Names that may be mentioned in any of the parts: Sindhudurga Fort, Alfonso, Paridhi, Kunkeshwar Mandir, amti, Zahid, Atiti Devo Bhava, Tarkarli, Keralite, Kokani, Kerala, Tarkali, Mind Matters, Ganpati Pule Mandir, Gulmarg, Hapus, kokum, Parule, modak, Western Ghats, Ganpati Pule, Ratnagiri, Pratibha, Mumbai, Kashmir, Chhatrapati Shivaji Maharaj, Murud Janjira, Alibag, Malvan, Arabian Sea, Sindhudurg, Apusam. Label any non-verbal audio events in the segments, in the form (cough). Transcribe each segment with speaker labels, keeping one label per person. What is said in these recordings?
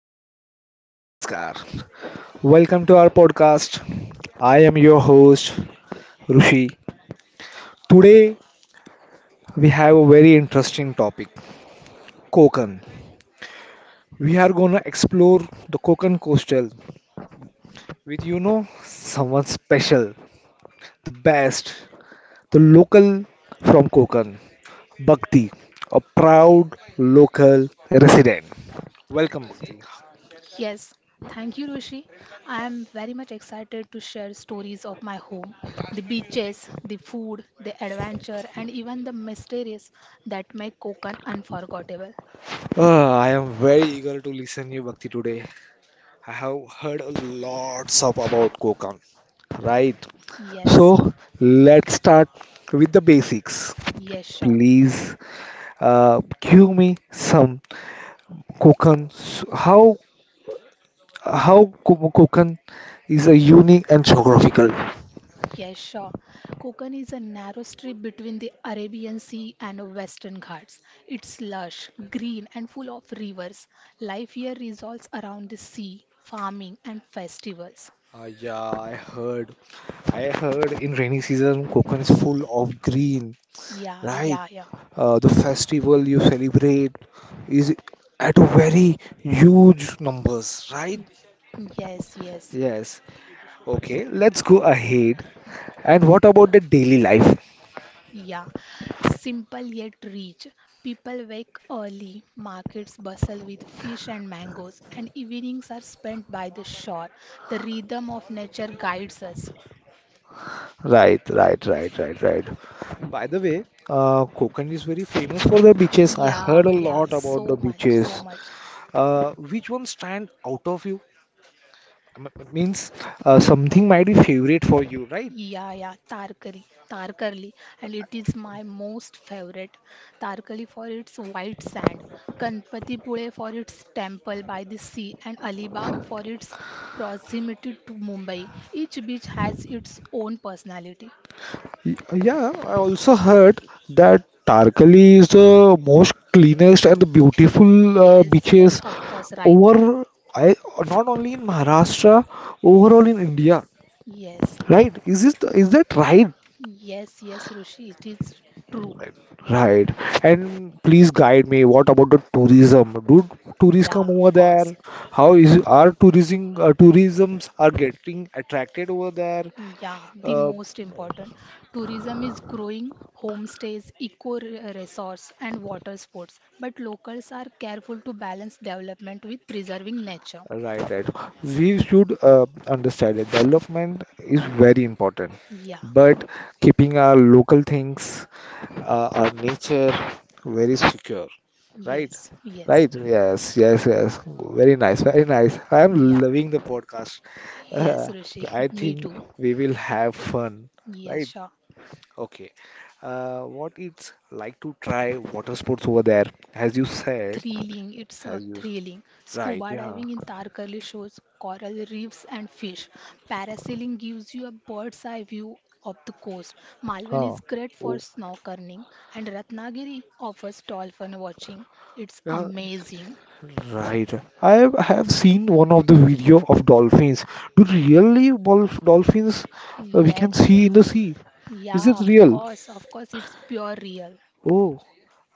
Speaker 1: hi, namaskar. Welcome to our podcast. I am your host, Rushi. Today we have a very interesting topic, Kokan. We are gonna explore the Kokan coastal with someone special, the best, the local from Kokan, Bhakti, a proud local resident. Welcome, Bhakti.
Speaker 2: Yes, thank you, Rishi. I am very much excited to share stories of my home, the beaches, the food, the adventure, and even the mysteries that make Konkan unforgettable.
Speaker 1: Ah, I am very eager to listen you, Bhakti, today. I have heard lots of about kokan, right?
Speaker 2: Yes,
Speaker 1: So let's start with the basics.
Speaker 2: yes, sure.
Speaker 1: Please give me some kokan. How Konkan is a unique and geographical.
Speaker 2: Yes, sure. Konkan is a narrow strip between the Arabian Sea and Western Ghats. It's lush, green, and full of rivers. Life here revolves around the sea, farming, and festivals.
Speaker 1: Yeah, I heard. I heard in rainy season Konkan is full of green,
Speaker 2: Yeah,
Speaker 1: right?
Speaker 2: yeah, yeah.
Speaker 1: The festival you celebrate is at a very huge numbers, right?
Speaker 2: Yes, yes.
Speaker 1: Yes, okay, let's go ahead. And what about the daily life?
Speaker 2: Yeah, simple yet rich. People wake early, markets bustle with fish and mangoes, and evenings are spent by the shore. The rhythm of nature guides us.
Speaker 1: Right, right, right, right, right. By the way, Konkan is very famous for the beaches. I heard
Speaker 2: Yeah,
Speaker 1: a
Speaker 2: yeah,
Speaker 1: lot about the
Speaker 2: so much, so
Speaker 1: beaches.
Speaker 2: much.
Speaker 1: Which one stand out of you? Means something might be favorite for you, right?
Speaker 2: Yeah, yeah, Tarkari, Tarkarli, and it is my most favorite. Tarkali for its white sand, Ganpatipure for its temple by the sea, and Alibag for its proximity to Mumbai. Each beach has its own personality.
Speaker 1: Yeah, I also heard that Tarkali is the most cleanest and the beautiful
Speaker 2: Yes, yes,
Speaker 1: beaches
Speaker 2: of course, right.
Speaker 1: over I not only in Maharashtra, overall in India.
Speaker 2: Yes,
Speaker 1: Right? Is it is that right?
Speaker 2: yes, yes, Rushi, it is true.
Speaker 1: Right. And please guide me. What about the tourism? Do tourists come
Speaker 2: Yeah, of
Speaker 1: over
Speaker 2: course.
Speaker 1: there? How is are tourism tourisms are getting attracted over there?
Speaker 2: Yeah, the
Speaker 1: Uh,
Speaker 2: most important. Tourism is growing, homestays, resorts, and water sports. But locals are careful to balance development with preserving nature.
Speaker 1: right, right. We should understand that development is very important,
Speaker 2: Yeah,
Speaker 1: but keeping our local things, our nature very secure. Right,
Speaker 2: yes, yes,
Speaker 1: right. Yes, yes, yes. Very nice, very nice. I am
Speaker 2: yeah,
Speaker 1: loving the podcast.
Speaker 2: yes,
Speaker 1: Uh,
Speaker 2: Rishi,
Speaker 1: I
Speaker 2: (laughs) me
Speaker 1: think
Speaker 2: too.
Speaker 1: we will have fun,
Speaker 2: Yes,
Speaker 1: right?
Speaker 2: sure.
Speaker 1: Okay. What it's like to try water sports over there, as you said,
Speaker 2: It's a
Speaker 1: as you
Speaker 2: thrilling.
Speaker 1: right,
Speaker 2: Scuba
Speaker 1: yeah.
Speaker 2: diving in Tarkali shows coral reefs and fish. Parasailing gives you a bird's eye view of the coast. Malvan
Speaker 1: Huh.
Speaker 2: is great for
Speaker 1: Oh,
Speaker 2: snorkeling, and Ratnagiri offers dolphin watching. It's
Speaker 1: yeah,
Speaker 2: amazing.
Speaker 1: right. I have seen one of the video of dolphins. Do really wolf dolphins we can
Speaker 2: Yes, yes.
Speaker 1: see in the sea? Is
Speaker 2: Yeah,
Speaker 1: it real?
Speaker 2: of course, it's pure real.
Speaker 1: Oh.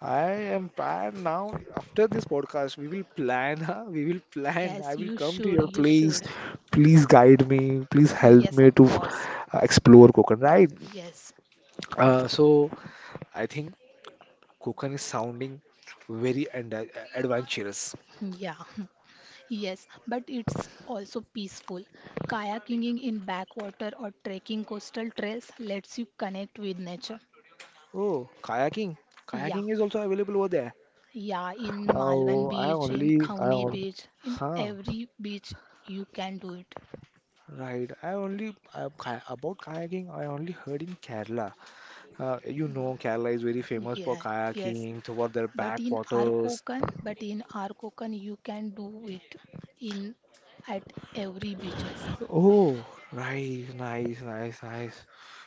Speaker 1: I am tired now. After this podcast, we will plan, (laughs) huh? We will plan. I
Speaker 2: Yes,
Speaker 1: will
Speaker 2: you
Speaker 1: come to
Speaker 2: should,
Speaker 1: your
Speaker 2: you
Speaker 1: place.
Speaker 2: should.
Speaker 1: Please guide me. Please help
Speaker 2: Yes, of
Speaker 1: me to
Speaker 2: course.
Speaker 1: explore Konkan, right?
Speaker 2: Yes.
Speaker 1: So I think Konkan is sounding very and adventurous.
Speaker 2: Yeah. (laughs) Yes, but it's also peaceful. Kayaking in backwater or trekking coastal trails lets you connect with nature.
Speaker 1: Oh, kayaking.
Speaker 2: Yeah,
Speaker 1: Kayaking is also available over there.
Speaker 2: yeah, in Malvan
Speaker 1: Oh, I
Speaker 2: Beach, in
Speaker 1: only, I
Speaker 2: Khawne
Speaker 1: on,
Speaker 2: Beach, in
Speaker 1: huh?
Speaker 2: every beach you can do it.
Speaker 1: Right. About kayaking. I only heard in Kerala. Kerala is very famous for
Speaker 2: Yeah, yes.
Speaker 1: kayaking toward their
Speaker 2: But in
Speaker 1: backwaters.
Speaker 2: Arkokan, but in Arkokan you can do it in at every beaches.
Speaker 1: Oh, nice, nice, nice, nice.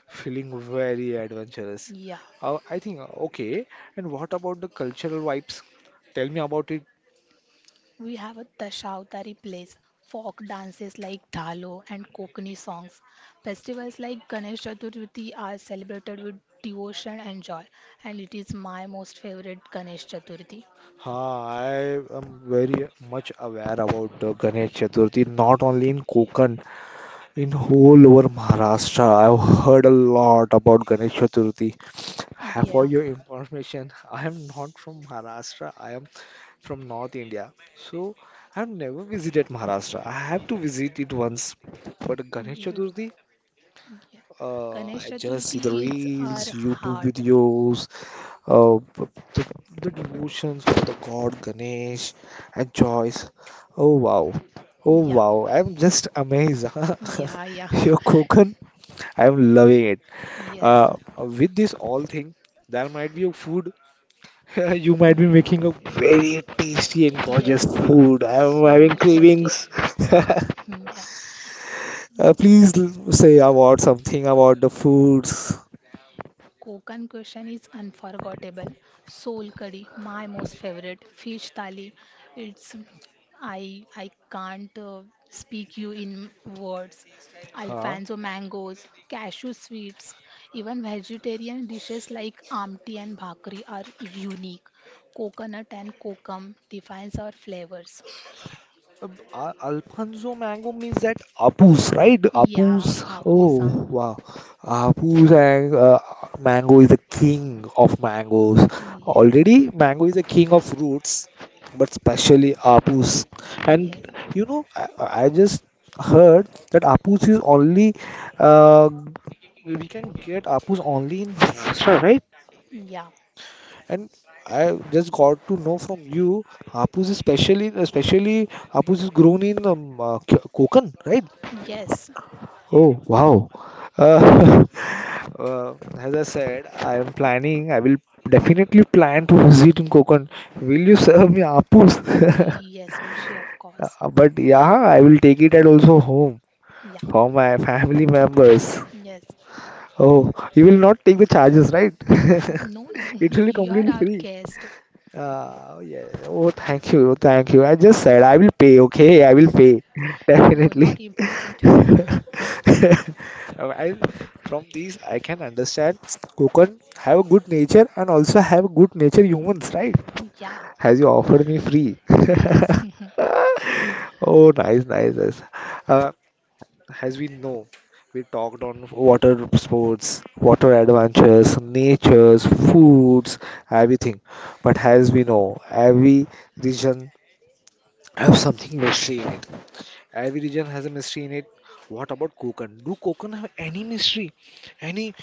Speaker 1: Feeling very adventurous.
Speaker 2: Yeah.
Speaker 1: I think, okay. And what about the cultural vibes? Tell me about it.
Speaker 2: We have a Tashavatari place, folk dances like Dhalo and Kokani songs. Festivals like Ganesh Chaturthi are celebrated with devotion and joy, and it is my most favorite Ganesh Chaturthi.
Speaker 1: Ah, I am very much aware about the Ganesh Chaturthi, not only in Konkan, in whole over Maharashtra. I've heard a lot about Ganesh Chaturthi. For
Speaker 2: Yeah,
Speaker 1: your information, I am not from Maharashtra. I am from North India. So I have never visited Maharashtra. I have to visit it once. But Ganesh
Speaker 2: you,
Speaker 1: Chaturthi,
Speaker 2: yeah. Ganesh
Speaker 1: I just see the
Speaker 2: Chaturthi is our
Speaker 1: reels, YouTube
Speaker 2: heart.
Speaker 1: videos, the, devotions for the god Ganesh and Joyce. Oh wow. Oh
Speaker 2: Yeah,
Speaker 1: wow. I'm just amazed. (laughs)
Speaker 2: yeah, yeah.
Speaker 1: Your
Speaker 2: (laughs)
Speaker 1: Kokan, I'm loving it.
Speaker 2: Yes,
Speaker 1: With this all thing, there might be a food. (laughs) You might be making a very tasty and gorgeous
Speaker 2: yes.
Speaker 1: food. I'm
Speaker 2: So
Speaker 1: having
Speaker 2: much tasty.
Speaker 1: cravings. (laughs)
Speaker 2: Hmm, yeah.
Speaker 1: Please say about something about the foods.
Speaker 2: Kokan cuisine is unforgettable. Soul curry, my most favorite. Fish thali, it's I can't speak you in words.
Speaker 1: Huh?
Speaker 2: Alfonso mangoes, cashew sweets, even vegetarian dishes like amti and bhakri are unique. Coconut and kokum defines our flavors.
Speaker 1: Uh, Alfonso mango means that Apus, right?
Speaker 2: Yeah,
Speaker 1: Apus.
Speaker 2: Apusam.
Speaker 1: Oh, wow. Apus and mango is the king of mangoes.
Speaker 2: Yes,
Speaker 1: Already, mango is the king of fruits, but especially Apus. And
Speaker 2: yes,
Speaker 1: I just heard that Apus is only uh, we can get Apus only in Maharashtra, right?
Speaker 2: yeah,
Speaker 1: And I just got to know from you, Hapus is especially Hapus is grown in Konkan, right?
Speaker 2: yes,
Speaker 1: Oh wow! Uh, (laughs) as I said, I am planning. I will definitely plan to visit in Konkan. Will you serve me Hapus? (laughs)
Speaker 2: yes, Rishi, of course.
Speaker 1: But yeah, I will take it at also home
Speaker 2: Yeah.
Speaker 1: for my family members.
Speaker 2: Yes.
Speaker 1: Oh, you will not take the charges, right? (laughs)
Speaker 2: No, no, (laughs)
Speaker 1: It will be
Speaker 2: you are
Speaker 1: completely
Speaker 2: our
Speaker 1: free.
Speaker 2: guest.
Speaker 1: Yeah. Oh, thank you. Oh, thank you. I just said I will pay. Okay, I will pay. (laughs)
Speaker 2: No, not
Speaker 1: Definitely.
Speaker 2: important. (laughs)
Speaker 1: (laughs) Oh, from these, I can understand Kokon have a good nature and also have good nature humans, right?
Speaker 2: Yeah,
Speaker 1: Has you offered me free.
Speaker 2: yes,
Speaker 1: (laughs)
Speaker 2: (laughs)
Speaker 1: Oh, nice, nice, nice. Uh, as we know, we talked on water sports, water adventures, natures, foods, everything. But as we know, every region have something mystery in it. Every region has a mystery in it. What about Konkan? Do Konkan have any mystery? Any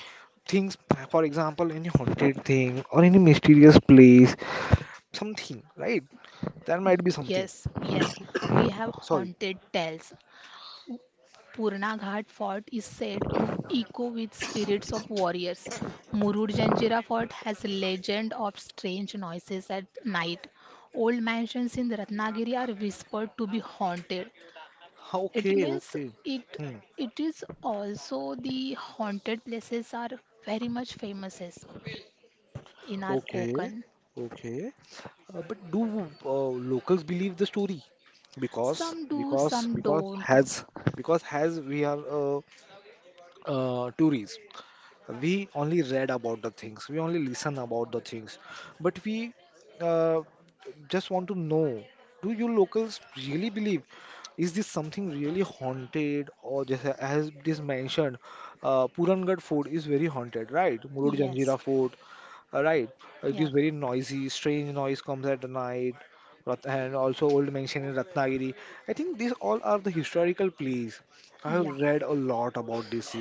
Speaker 1: things, for example, any haunted thing or any mysterious place? Something, right? There might be something.
Speaker 2: yes, yes. We have
Speaker 1: Sorry.
Speaker 2: haunted tales. Purnaghat Fort is said to echo with spirits of warriors. Murud Janjira Fort has legend of strange noises at night. Old mansions in Ratnagiri are whispered to be haunted. It
Speaker 1: Okay,
Speaker 2: means
Speaker 1: okay.
Speaker 2: it
Speaker 1: Hmm.
Speaker 2: it is also the haunted places are very much famous as in our
Speaker 1: Okay.
Speaker 2: Konkan.
Speaker 1: Okay. But do uh, locals believe the story? Because
Speaker 2: Some do,
Speaker 1: because
Speaker 2: some
Speaker 1: because
Speaker 2: don't.
Speaker 1: has because has we are tourists, we only read about the things, we only listen about the things, but we uh, just want to know, do you locals really believe, is this something really haunted or just as it is mentioned? Purangarh fort is very haunted, right? Murud
Speaker 2: Yes,
Speaker 1: Janjira fort, right, it
Speaker 2: yeah,
Speaker 1: is very noisy, strange noise comes at the night. And also old mention in Ratnagiri. I think these all are the historical places. I have
Speaker 2: yeah,
Speaker 1: read a lot about this.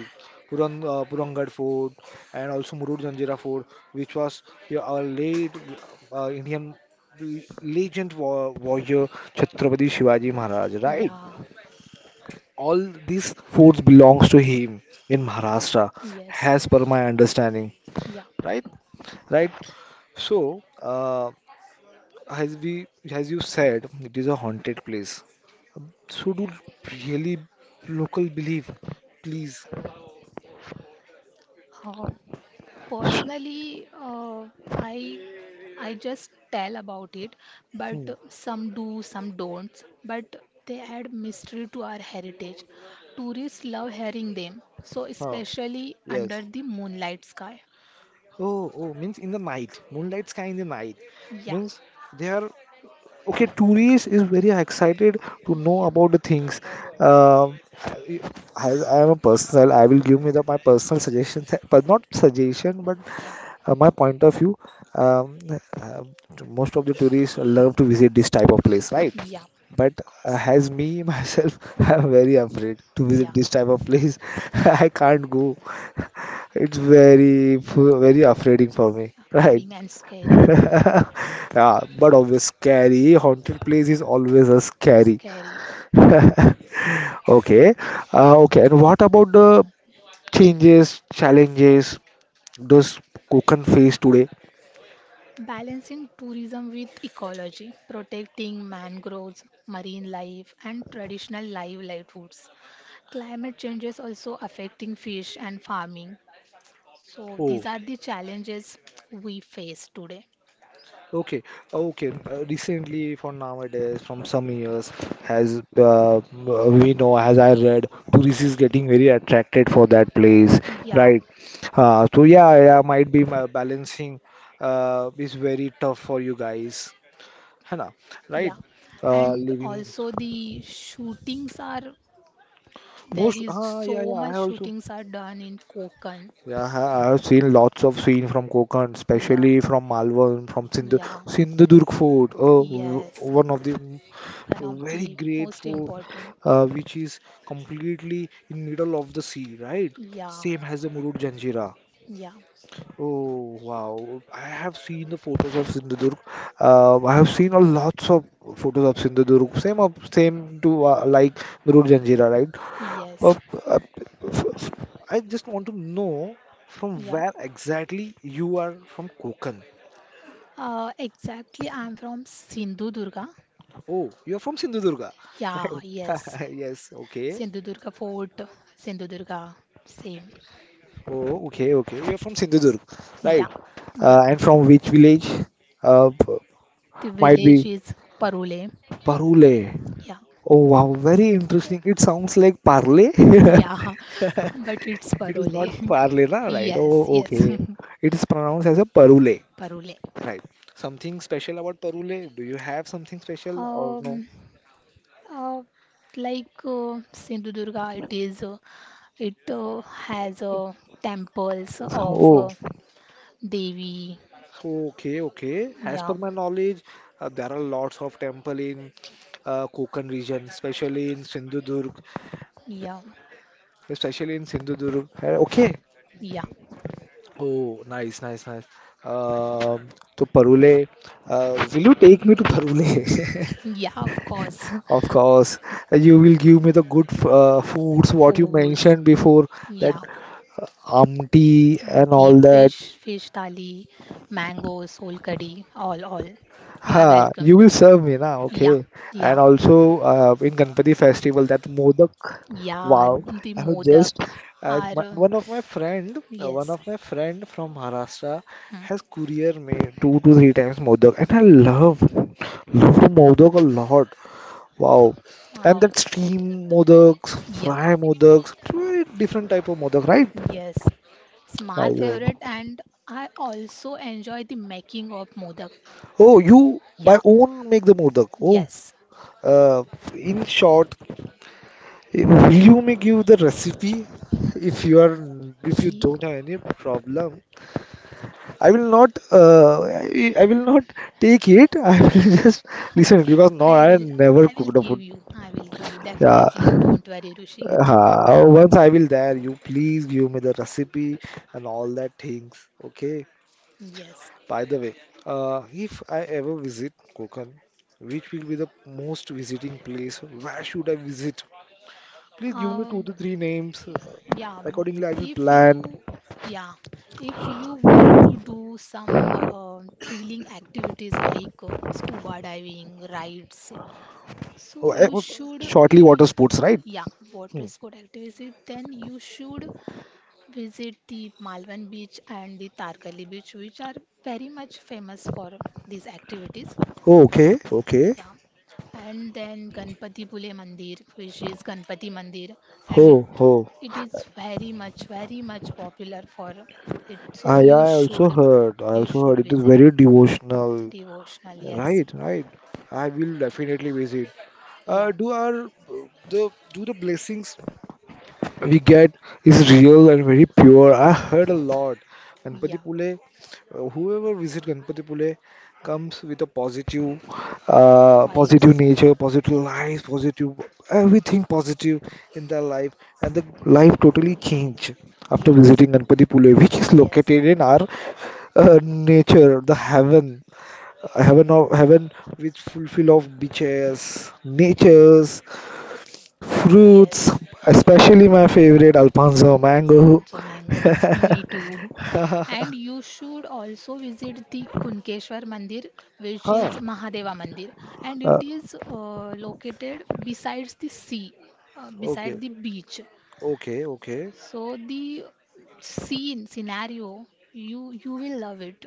Speaker 1: Purangat Fort, and also Murud Janjira Fort, which was, yeah, a late Indian legend warrior Chhatrapati Shivaji Maharaj, right?
Speaker 2: yeah,
Speaker 1: All these forts belongs to him in Maharashtra,
Speaker 2: yes,
Speaker 1: as per my understanding,
Speaker 2: yeah.
Speaker 1: right? Right. So, as as you said, it is a haunted place. So do really local believe, please.
Speaker 2: Uh, Personally, I I just tell about it,
Speaker 1: Hmm.
Speaker 2: but some do, some don't. But they add mystery to our heritage. Tourists love hearing them, so
Speaker 1: Huh.
Speaker 2: especially under
Speaker 1: Yes.
Speaker 2: the moonlight sky.
Speaker 1: Oh, oh, means in the night, moonlight sky in the night,
Speaker 2: Yeah,
Speaker 1: means they are. Okay, tourist is very excited to know
Speaker 2: yeah,
Speaker 1: about the things. Uh, I am a personal. I will give me the my personal suggestion, (laughs) but not suggestion, but
Speaker 2: yeah,
Speaker 1: my point of view. Um, uh, Most of the tourists love to visit this type of place, right?
Speaker 2: yeah.
Speaker 1: But
Speaker 2: Of course.
Speaker 1: as me (laughs) myself, I'm very afraid to
Speaker 2: Yeah,
Speaker 1: visit this type of place. (laughs) I can't go. It's very very afraiding for me, (laughs) right?
Speaker 2: upgrading and scary,
Speaker 1: (laughs) Yeah, but always scary. Haunted place is always a scary.
Speaker 2: scary.
Speaker 1: (laughs) Okay. Okay. And what about the challenges those Konkan face today?
Speaker 2: Balancing tourism with ecology, protecting mangroves, marine life, and traditional livelihoods. Climate change is also affecting fish and farming. So
Speaker 1: Oh,
Speaker 2: these are the challenges we face today.
Speaker 1: okay. Okay. Recently, for nowadays, from some years, has we know, as I read, tourists is getting very attracted for that place,
Speaker 2: Yeah,
Speaker 1: right? So yeah, yeah, might be my balancing is very tough for you guys. Hannah, right?
Speaker 2: yeah. And
Speaker 1: Living
Speaker 2: also the shootings are there
Speaker 1: most.
Speaker 2: is
Speaker 1: Ah, yeah,
Speaker 2: so
Speaker 1: yeah. I
Speaker 2: much
Speaker 1: also.
Speaker 2: shootings are done in Konkan.
Speaker 1: Yeah, I have seen lots of scene from Konkan,
Speaker 2: Yeah,
Speaker 1: especially from Malwa, from
Speaker 2: yeah,
Speaker 1: Sindhudurg Fort.
Speaker 2: yes.
Speaker 1: One of the
Speaker 2: One of
Speaker 1: very
Speaker 2: the
Speaker 1: great
Speaker 2: most
Speaker 1: fort,
Speaker 2: important.
Speaker 1: which is completely in middle of the sea, right?
Speaker 2: Yeah,
Speaker 1: Same as the Murud Janjira.
Speaker 2: yeah,
Speaker 1: Oh wow! I have seen the photos of Sindhudurg. I have seen a lots of photos of Sindhudurg. Same to like Murud Janjira, right? Uh,
Speaker 2: yes,
Speaker 1: uh, f- f- I just want to know from
Speaker 2: yeah.
Speaker 1: where exactly you are from Konkan.
Speaker 2: Exactly, I'm from Sindhudurga.
Speaker 1: Oh, you're from Sindhudurga.
Speaker 2: Yeah, yes.
Speaker 1: Right. (laughs) Yes, okay.
Speaker 2: Sindhudurga Fort, Sindhudurga, same.
Speaker 1: Oh, okay, okay. You're from Sindhudurg. Right.
Speaker 2: Yeah, yeah.
Speaker 1: And from which village? Uh, p-
Speaker 2: The
Speaker 1: might be
Speaker 2: village is Parole.
Speaker 1: Parule.
Speaker 2: Yeah,
Speaker 1: Oh, wow. Very interesting. It sounds like Parle. (laughs)
Speaker 2: yeah, (laughs) but it's
Speaker 1: It is not
Speaker 2: Parole.
Speaker 1: Parle, na?
Speaker 2: (laughs)
Speaker 1: Right.
Speaker 2: Yes,
Speaker 1: Oh,
Speaker 2: yes,
Speaker 1: okay. It is pronounced as a Parule.
Speaker 2: (laughs) Parole.
Speaker 1: Right. Something special about Parule? Do you have something special or no?
Speaker 2: Um, uh, like Sindhudurga, it is. It has temples of
Speaker 1: Oh,
Speaker 2: Devi.
Speaker 1: okay, okay. As per
Speaker 2: Yeah,
Speaker 1: my knowledge, there are lots of temple in Konkan region, especially in Sindhudurg,
Speaker 2: yeah,
Speaker 1: especially in Sindhudurg. Okay.
Speaker 2: yeah,
Speaker 1: Oh, nice, nice, nice. Um, so Parule, will you take me to Parule? (laughs)
Speaker 2: yeah. Of course,
Speaker 1: Of course, you will give me the good foods,
Speaker 2: (laughs)
Speaker 1: what you
Speaker 2: foods.
Speaker 1: mentioned before, that
Speaker 2: Yeah,
Speaker 1: amti and
Speaker 2: The
Speaker 1: all that.
Speaker 2: fish, fish thali, mango, soul curry, all, all. You are
Speaker 1: Ha,
Speaker 2: welcome.
Speaker 1: you will serve me now,
Speaker 2: Yeah,
Speaker 1: okay.
Speaker 2: yeah,
Speaker 1: And also in Ganpati festival that Modak,
Speaker 2: yeah.
Speaker 1: wow,
Speaker 2: The
Speaker 1: I have
Speaker 2: modak
Speaker 1: just
Speaker 2: are, uh,
Speaker 1: one of my friend, one
Speaker 2: yes.
Speaker 1: of my friend from Maharashtra
Speaker 2: Hmm.
Speaker 1: has courier made two to three times Modak and I love Modak a lot. Wow. And
Speaker 2: Wow.
Speaker 1: that steam Modaks,
Speaker 2: Yeah,
Speaker 1: fry Modaks, very different type of Modak, right?
Speaker 2: yes. It's
Speaker 1: I
Speaker 2: my
Speaker 1: know.
Speaker 2: favorite, and I also enjoy the making of modak.
Speaker 1: Oh, you by
Speaker 2: Yeah,
Speaker 1: own make the Modak. Oh,
Speaker 2: yes.
Speaker 1: uh, in short, will you me give the recipe if you are if you
Speaker 2: E-
Speaker 1: don't have any problem? I will not take it. (laughs) I will just listen
Speaker 2: (laughs)
Speaker 1: because no,
Speaker 2: I
Speaker 1: I
Speaker 2: will,
Speaker 1: never
Speaker 2: I will
Speaker 1: cooked the
Speaker 2: give
Speaker 1: food.
Speaker 2: you. I will give you
Speaker 1: Yeah,
Speaker 2: definitely. Don't worry,
Speaker 1: (laughs)
Speaker 2: Rushi.
Speaker 1: once I will there, you please give me the recipe and all that things. Okay.
Speaker 2: Yes.
Speaker 1: By the way, if I ever visit Konkan, which will be the most visiting place? Where should I visit? Please give me two
Speaker 2: Um,
Speaker 1: to three names.
Speaker 2: Yeah, um,
Speaker 1: Accordingly, I will
Speaker 2: if
Speaker 1: plan.
Speaker 2: you yeah, if you want to do some thrilling activities like scuba diving, rides, so
Speaker 1: Oh,
Speaker 2: you should
Speaker 1: shortly
Speaker 2: y-
Speaker 1: water sports, right?
Speaker 2: yeah,
Speaker 1: Hmm.
Speaker 2: water sport activities, then you should visit the Malvan Beach and the Tarkali Beach, which are very much famous for these activities.
Speaker 1: Oh, okay, okay.
Speaker 2: Yeah. And then Ganpati Pule Mandir, which is Ganpati Mandir, and it
Speaker 1: Oh, oh.
Speaker 2: it is very much, very much popular for it. So
Speaker 1: I also heard. I
Speaker 2: you
Speaker 1: also heard
Speaker 2: should
Speaker 1: it is
Speaker 2: visit.
Speaker 1: very devotional.
Speaker 2: Devotional, yes.
Speaker 1: Right, right. I will definitely visit.
Speaker 2: Yeah.
Speaker 1: Uh, do our do the blessings we get is real and very pure. I heard a lot. Ganpati
Speaker 2: Yeah.
Speaker 1: Pule, whoever visit Ganpati Pule comes with a positive, positive
Speaker 2: Vibes.
Speaker 1: nature, positive
Speaker 2: Yeah.
Speaker 1: life, positive everything positive in their life, and the life totally change after
Speaker 2: Yes.
Speaker 1: visiting Ganpati Pule, which is
Speaker 2: Yes.
Speaker 1: located in our nature, the heaven, heaven of heaven, which fulfill of beaches, natures, fruits,
Speaker 2: Yes.
Speaker 1: especially my favorite Alfonso mango.
Speaker 2: So
Speaker 1: (laughs)
Speaker 2: mangoes, (laughs) me too. And you should also visit the Kunkeshwar Mandir, which is
Speaker 1: Huh.
Speaker 2: Mahadeva Mandir, and it
Speaker 1: Uh,
Speaker 2: is located besides the sea, beside
Speaker 1: Okay.
Speaker 2: the beach.
Speaker 1: Okay. Okay.
Speaker 2: So the scene scenario, you will love it.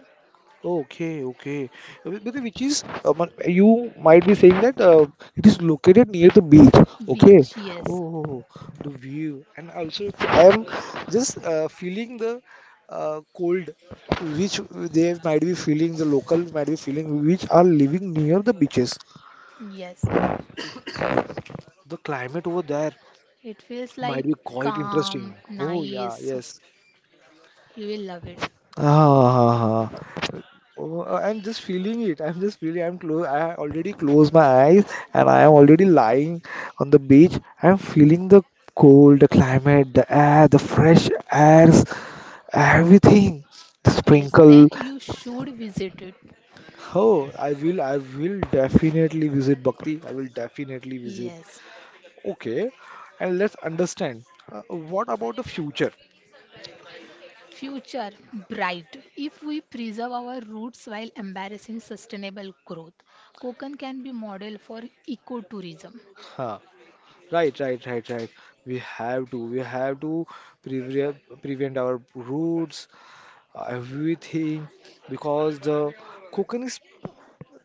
Speaker 1: Okay. Okay. Which is you might be saying that it is located near the beach. Okay.
Speaker 2: Beach, yes,
Speaker 1: Oh, the view, and also I am just feeling the cold, which they might be feeling. The locals might be feeling, which are living near the beaches.
Speaker 2: yes.
Speaker 1: The climate over there.
Speaker 2: It feels
Speaker 1: Might
Speaker 2: like
Speaker 1: be quite
Speaker 2: calm,
Speaker 1: interesting. Oh yeah,
Speaker 2: nice.
Speaker 1: yes.
Speaker 2: You will love it.
Speaker 1: Ah, oh, I'm just feeling it. I'm just feeling. I'm close. I already closed my eyes, and I am already lying on the beach. I'm feeling the cold, the climate, the air, the fresh airs, everything. The
Speaker 2: Yes. Then
Speaker 1: sprinkle.
Speaker 2: you should visit it.
Speaker 1: Oh, I will. I will definitely visit Bhakti. I will definitely visit.
Speaker 2: Yes.
Speaker 1: Okay, and let's understand. What about the future?
Speaker 2: Future bright. If we preserve our roots while embracing sustainable growth, Konkan can be model for ecotourism.
Speaker 1: Huh. Right, right, right, right. We have to prevent prevent our roots, everything, because the Konkan is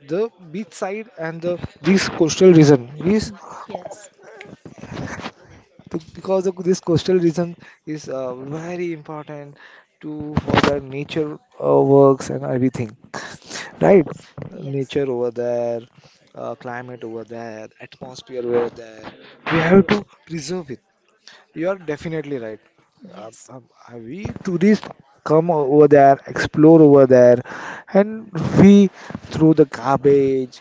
Speaker 1: the beach side and the this coastal region is
Speaker 2: Yes,
Speaker 1: because of this coastal region is very important to for the nature works and everything. Right,
Speaker 2: yes, yes,
Speaker 1: nature over there, climate over there, atmosphere over there. We have to preserve it. You are definitely right.
Speaker 2: yes,
Speaker 1: We tourists come over there, explore over there, and we throw the garbage,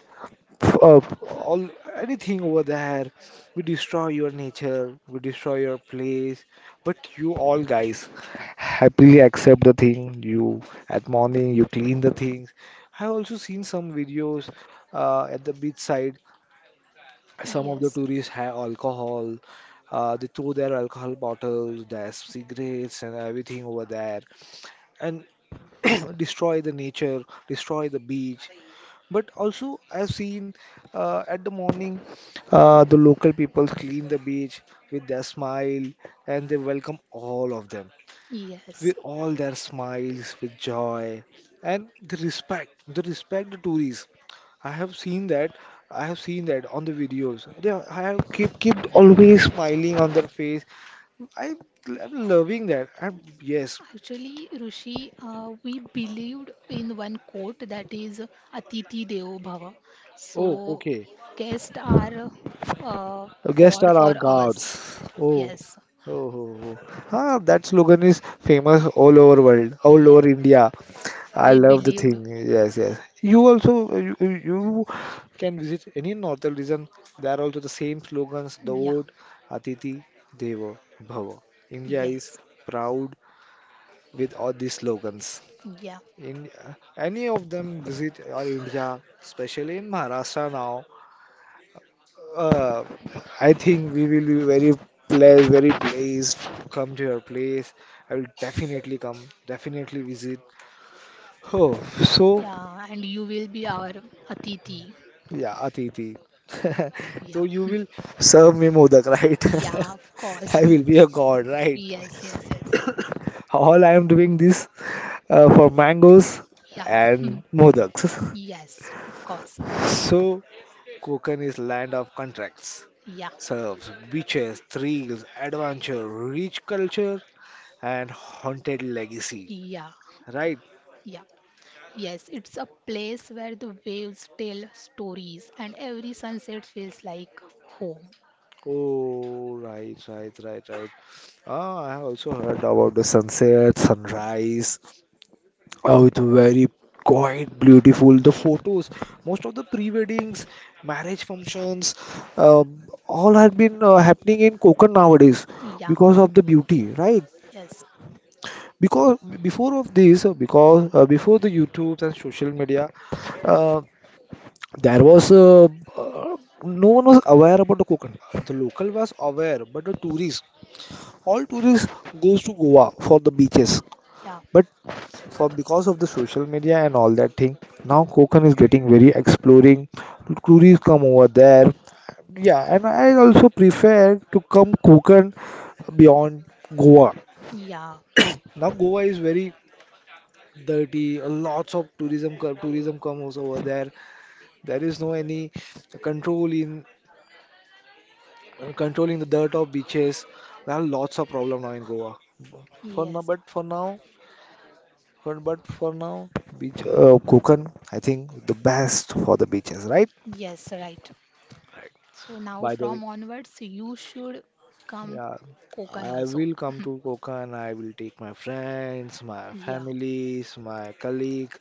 Speaker 1: f- uh, all anything over there. We destroy your nature, we destroy your place. But you all guys happily accept the thing. You at morning you clean the things. I have also seen some videos at the beach side. Some of the
Speaker 2: yes,
Speaker 1: tourists have alcohol. They throw their alcohol bottles, their cigarettes, and everything over there, and (clears throat) destroy the nature, destroy the beach. But also, I've seen at the morning, the local people clean the beach with their smile, and they welcome all of them
Speaker 2: yes.
Speaker 1: with all their smiles, with joy, and the respect, the respect the tourists. I have seen that. I have seen that on the videos. They are- I have keep always smiling on their face. I am loving that. I'm yes.
Speaker 2: Actually, Rishi, we believed in one quote that is Atiti Devo Bhava.
Speaker 1: Oh,
Speaker 2: So,
Speaker 1: okay.
Speaker 2: guests are uh,
Speaker 1: The guests
Speaker 2: God
Speaker 1: are our
Speaker 2: for us.
Speaker 1: gods. Oh.
Speaker 2: Yes,
Speaker 1: Oh, oh, oh. Ah, that slogan is famous all over world, all
Speaker 2: yeah,
Speaker 1: over India. I
Speaker 2: we
Speaker 1: love the
Speaker 2: believed.
Speaker 1: thing. Yes, yes. You also you can visit any northern region. They are also the same slogans: the
Speaker 2: Yeah.
Speaker 1: old Atiti Deva Bhava. India is
Speaker 2: Yes.
Speaker 1: proud with all these slogans.
Speaker 2: Yeah.
Speaker 1: In any of them visit our India, especially in Maharashtra now, uh, I think we will be very pleased to come to your place. I will definitely come, definitely visit. Oh, so
Speaker 2: Yeah. And you will be our Atiti.
Speaker 1: yeah, Atiti. (laughs) So
Speaker 2: Yeah.
Speaker 1: you will
Speaker 2: (laughs)
Speaker 1: serve me Modak, right?
Speaker 2: Yeah, of
Speaker 1: (laughs) I
Speaker 2: course.
Speaker 1: will
Speaker 2: (laughs)
Speaker 1: be a god, right?
Speaker 2: Yes, yes, yes.
Speaker 1: (coughs) All I am doing this for mangoes
Speaker 2: Yeah. (laughs) Hmm.
Speaker 1: and Modaks.
Speaker 2: Yes, of course.
Speaker 1: (laughs) So Konkan is land of contracts,
Speaker 2: Yeah.
Speaker 1: serves beaches, thrills, adventure, rich culture, and haunted legacy.
Speaker 2: Yeah.
Speaker 1: Right?
Speaker 2: Yeah. Yes, it's a place where the waves tell stories and every sunset feels like home.
Speaker 1: Oh, right, right, right, right. Ah, I have also heard about the sunset, sunrise. Oh, it's very quite beautiful. The photos, most of the pre-weddings, marriage functions, uh, all had been happening in Konkan nowadays
Speaker 2: Yeah.
Speaker 1: because of the beauty, right?
Speaker 2: Yes.
Speaker 1: Because before of this because before the YouTube and social media uh, there was uh, no one was aware about the Konkan. The local was aware, but the tourists, all tourists goes to Goa for the beaches.
Speaker 2: Yeah.
Speaker 1: But for because of the social media and all that thing, now Konkan is getting very exploring. Tourists come over there. Yeah, and I also prefer to come Konkan beyond Goa.
Speaker 2: Yeah.
Speaker 1: Now Goa is very dirty. A lots of tourism tourism comes over there. There is no any control in controlling the dirt of beaches. There are lots of problem now in Goa. For now,
Speaker 2: Yes.
Speaker 1: but for now, for, but for now, beach Konkan, I think the best for the beaches, right?
Speaker 2: Yes, right. So now
Speaker 1: By the way.
Speaker 2: from onwards, you should come
Speaker 1: Yeah,
Speaker 2: Kokan
Speaker 1: I
Speaker 2: also.
Speaker 1: will come to
Speaker 2: (laughs)
Speaker 1: Konkan. I will take my friends, my
Speaker 2: Yeah,
Speaker 1: families, my colleague,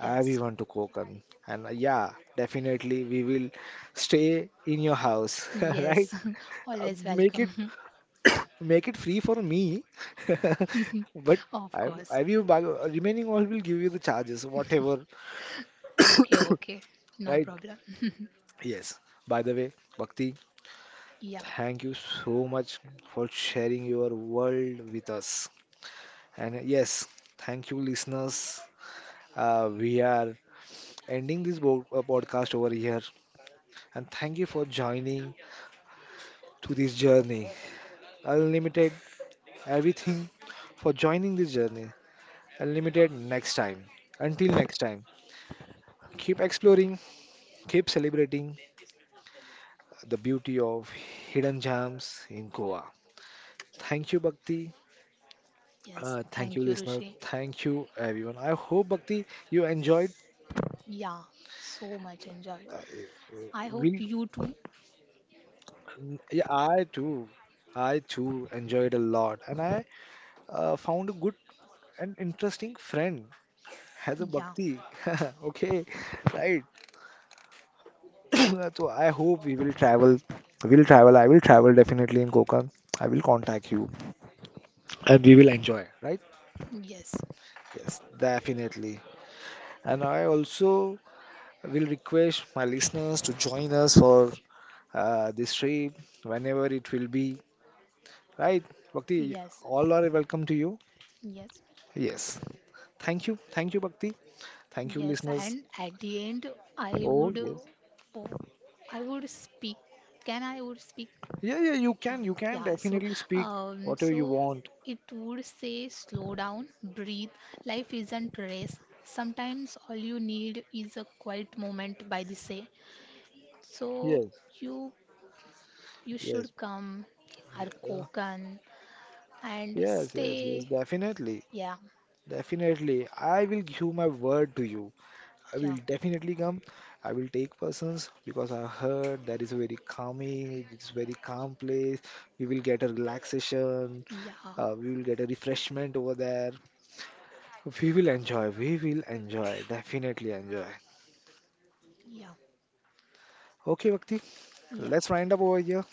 Speaker 2: yes,
Speaker 1: to Konkan. And yeah, definitely we will stay in your house, (laughs) right?
Speaker 2: yes, (laughs) always
Speaker 1: Make it
Speaker 2: welcome.
Speaker 1: (coughs) make it free for me. (laughs)
Speaker 2: (laughs)
Speaker 1: But
Speaker 2: Of course.
Speaker 1: I will buy, remaining all will give you the charges, whatever,
Speaker 2: Okay, okay, no
Speaker 1: right?
Speaker 2: problem. (laughs)
Speaker 1: Yes. By the way, Bhakti,
Speaker 2: Yeah,
Speaker 1: thank you so much for sharing your world with us. And yes, thank you, listeners. We are ending this podcast over here. And thank you for joining to this journey. Unlimited everything for joining this journey. Unlimited next time. Until next time, keep exploring, keep celebrating the beauty of hidden gems in Goa. Thank you, Bhakti.
Speaker 2: yes,
Speaker 1: Thank you,
Speaker 2: thank you,
Speaker 1: listeners.
Speaker 2: Rishi.
Speaker 1: Thank you, everyone. I hope, Bhakti, you enjoyed.
Speaker 2: Yeah, so much enjoyed.
Speaker 1: Uh,
Speaker 2: I hope
Speaker 1: will
Speaker 2: you too.
Speaker 1: Yeah, I too. I too enjoyed a lot, and I found a good and interesting friend as a
Speaker 2: Yeah,
Speaker 1: Bhakti. (laughs) Okay, right. (coughs) (clears throat) So I hope we will travel. We'll travel. I will travel definitely in Konkan. I will contact you, and we will enjoy. Right?
Speaker 2: yes,
Speaker 1: Yes, definitely. And I also will request my listeners to join us for this trip whenever it will be. Right, Bhakti.
Speaker 2: yes,
Speaker 1: All are welcome to you.
Speaker 2: yes,
Speaker 1: Yes. Thank you. Thank you, Bhakti. Thank you,
Speaker 2: yes.
Speaker 1: listeners.
Speaker 2: And at the end, I
Speaker 1: Oh,
Speaker 2: would,
Speaker 1: yes.
Speaker 2: uh, po- I would speak. Can I would speak?
Speaker 1: Yeah, yeah, you can.
Speaker 2: Um,
Speaker 1: You can
Speaker 2: yeah, so
Speaker 1: definitely speak
Speaker 2: um,
Speaker 1: whatever
Speaker 2: so
Speaker 1: you want.
Speaker 2: it would say slow down, breathe. Life isn't race. Sometimes all you need is a quiet moment by the sea. So
Speaker 1: Yes,
Speaker 2: you you
Speaker 1: yes.
Speaker 2: should come,
Speaker 1: Yeah.
Speaker 2: Arkokan, and
Speaker 1: Yes, yes, yes.
Speaker 2: stay.
Speaker 1: Definitely.
Speaker 2: Yeah,
Speaker 1: Definitely. I will give my word to you. I
Speaker 2: yeah,
Speaker 1: will definitely come. I will take persons because I heard that is a very calming, it's very calm place. We will get a relaxation.
Speaker 2: yeah,
Speaker 1: We will get a refreshment over there. We will enjoy. We will enjoy. Definitely enjoy.
Speaker 2: yeah,
Speaker 1: Okay, Bhakti. Okay,
Speaker 2: yeah.
Speaker 1: let's round up over here.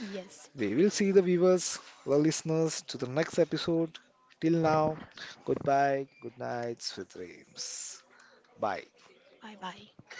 Speaker 2: Yes.
Speaker 1: We will see the viewers, the listeners, to the next episode. Till now, goodbye, good nights, sweet dreams. Bye.
Speaker 2: Bye bye.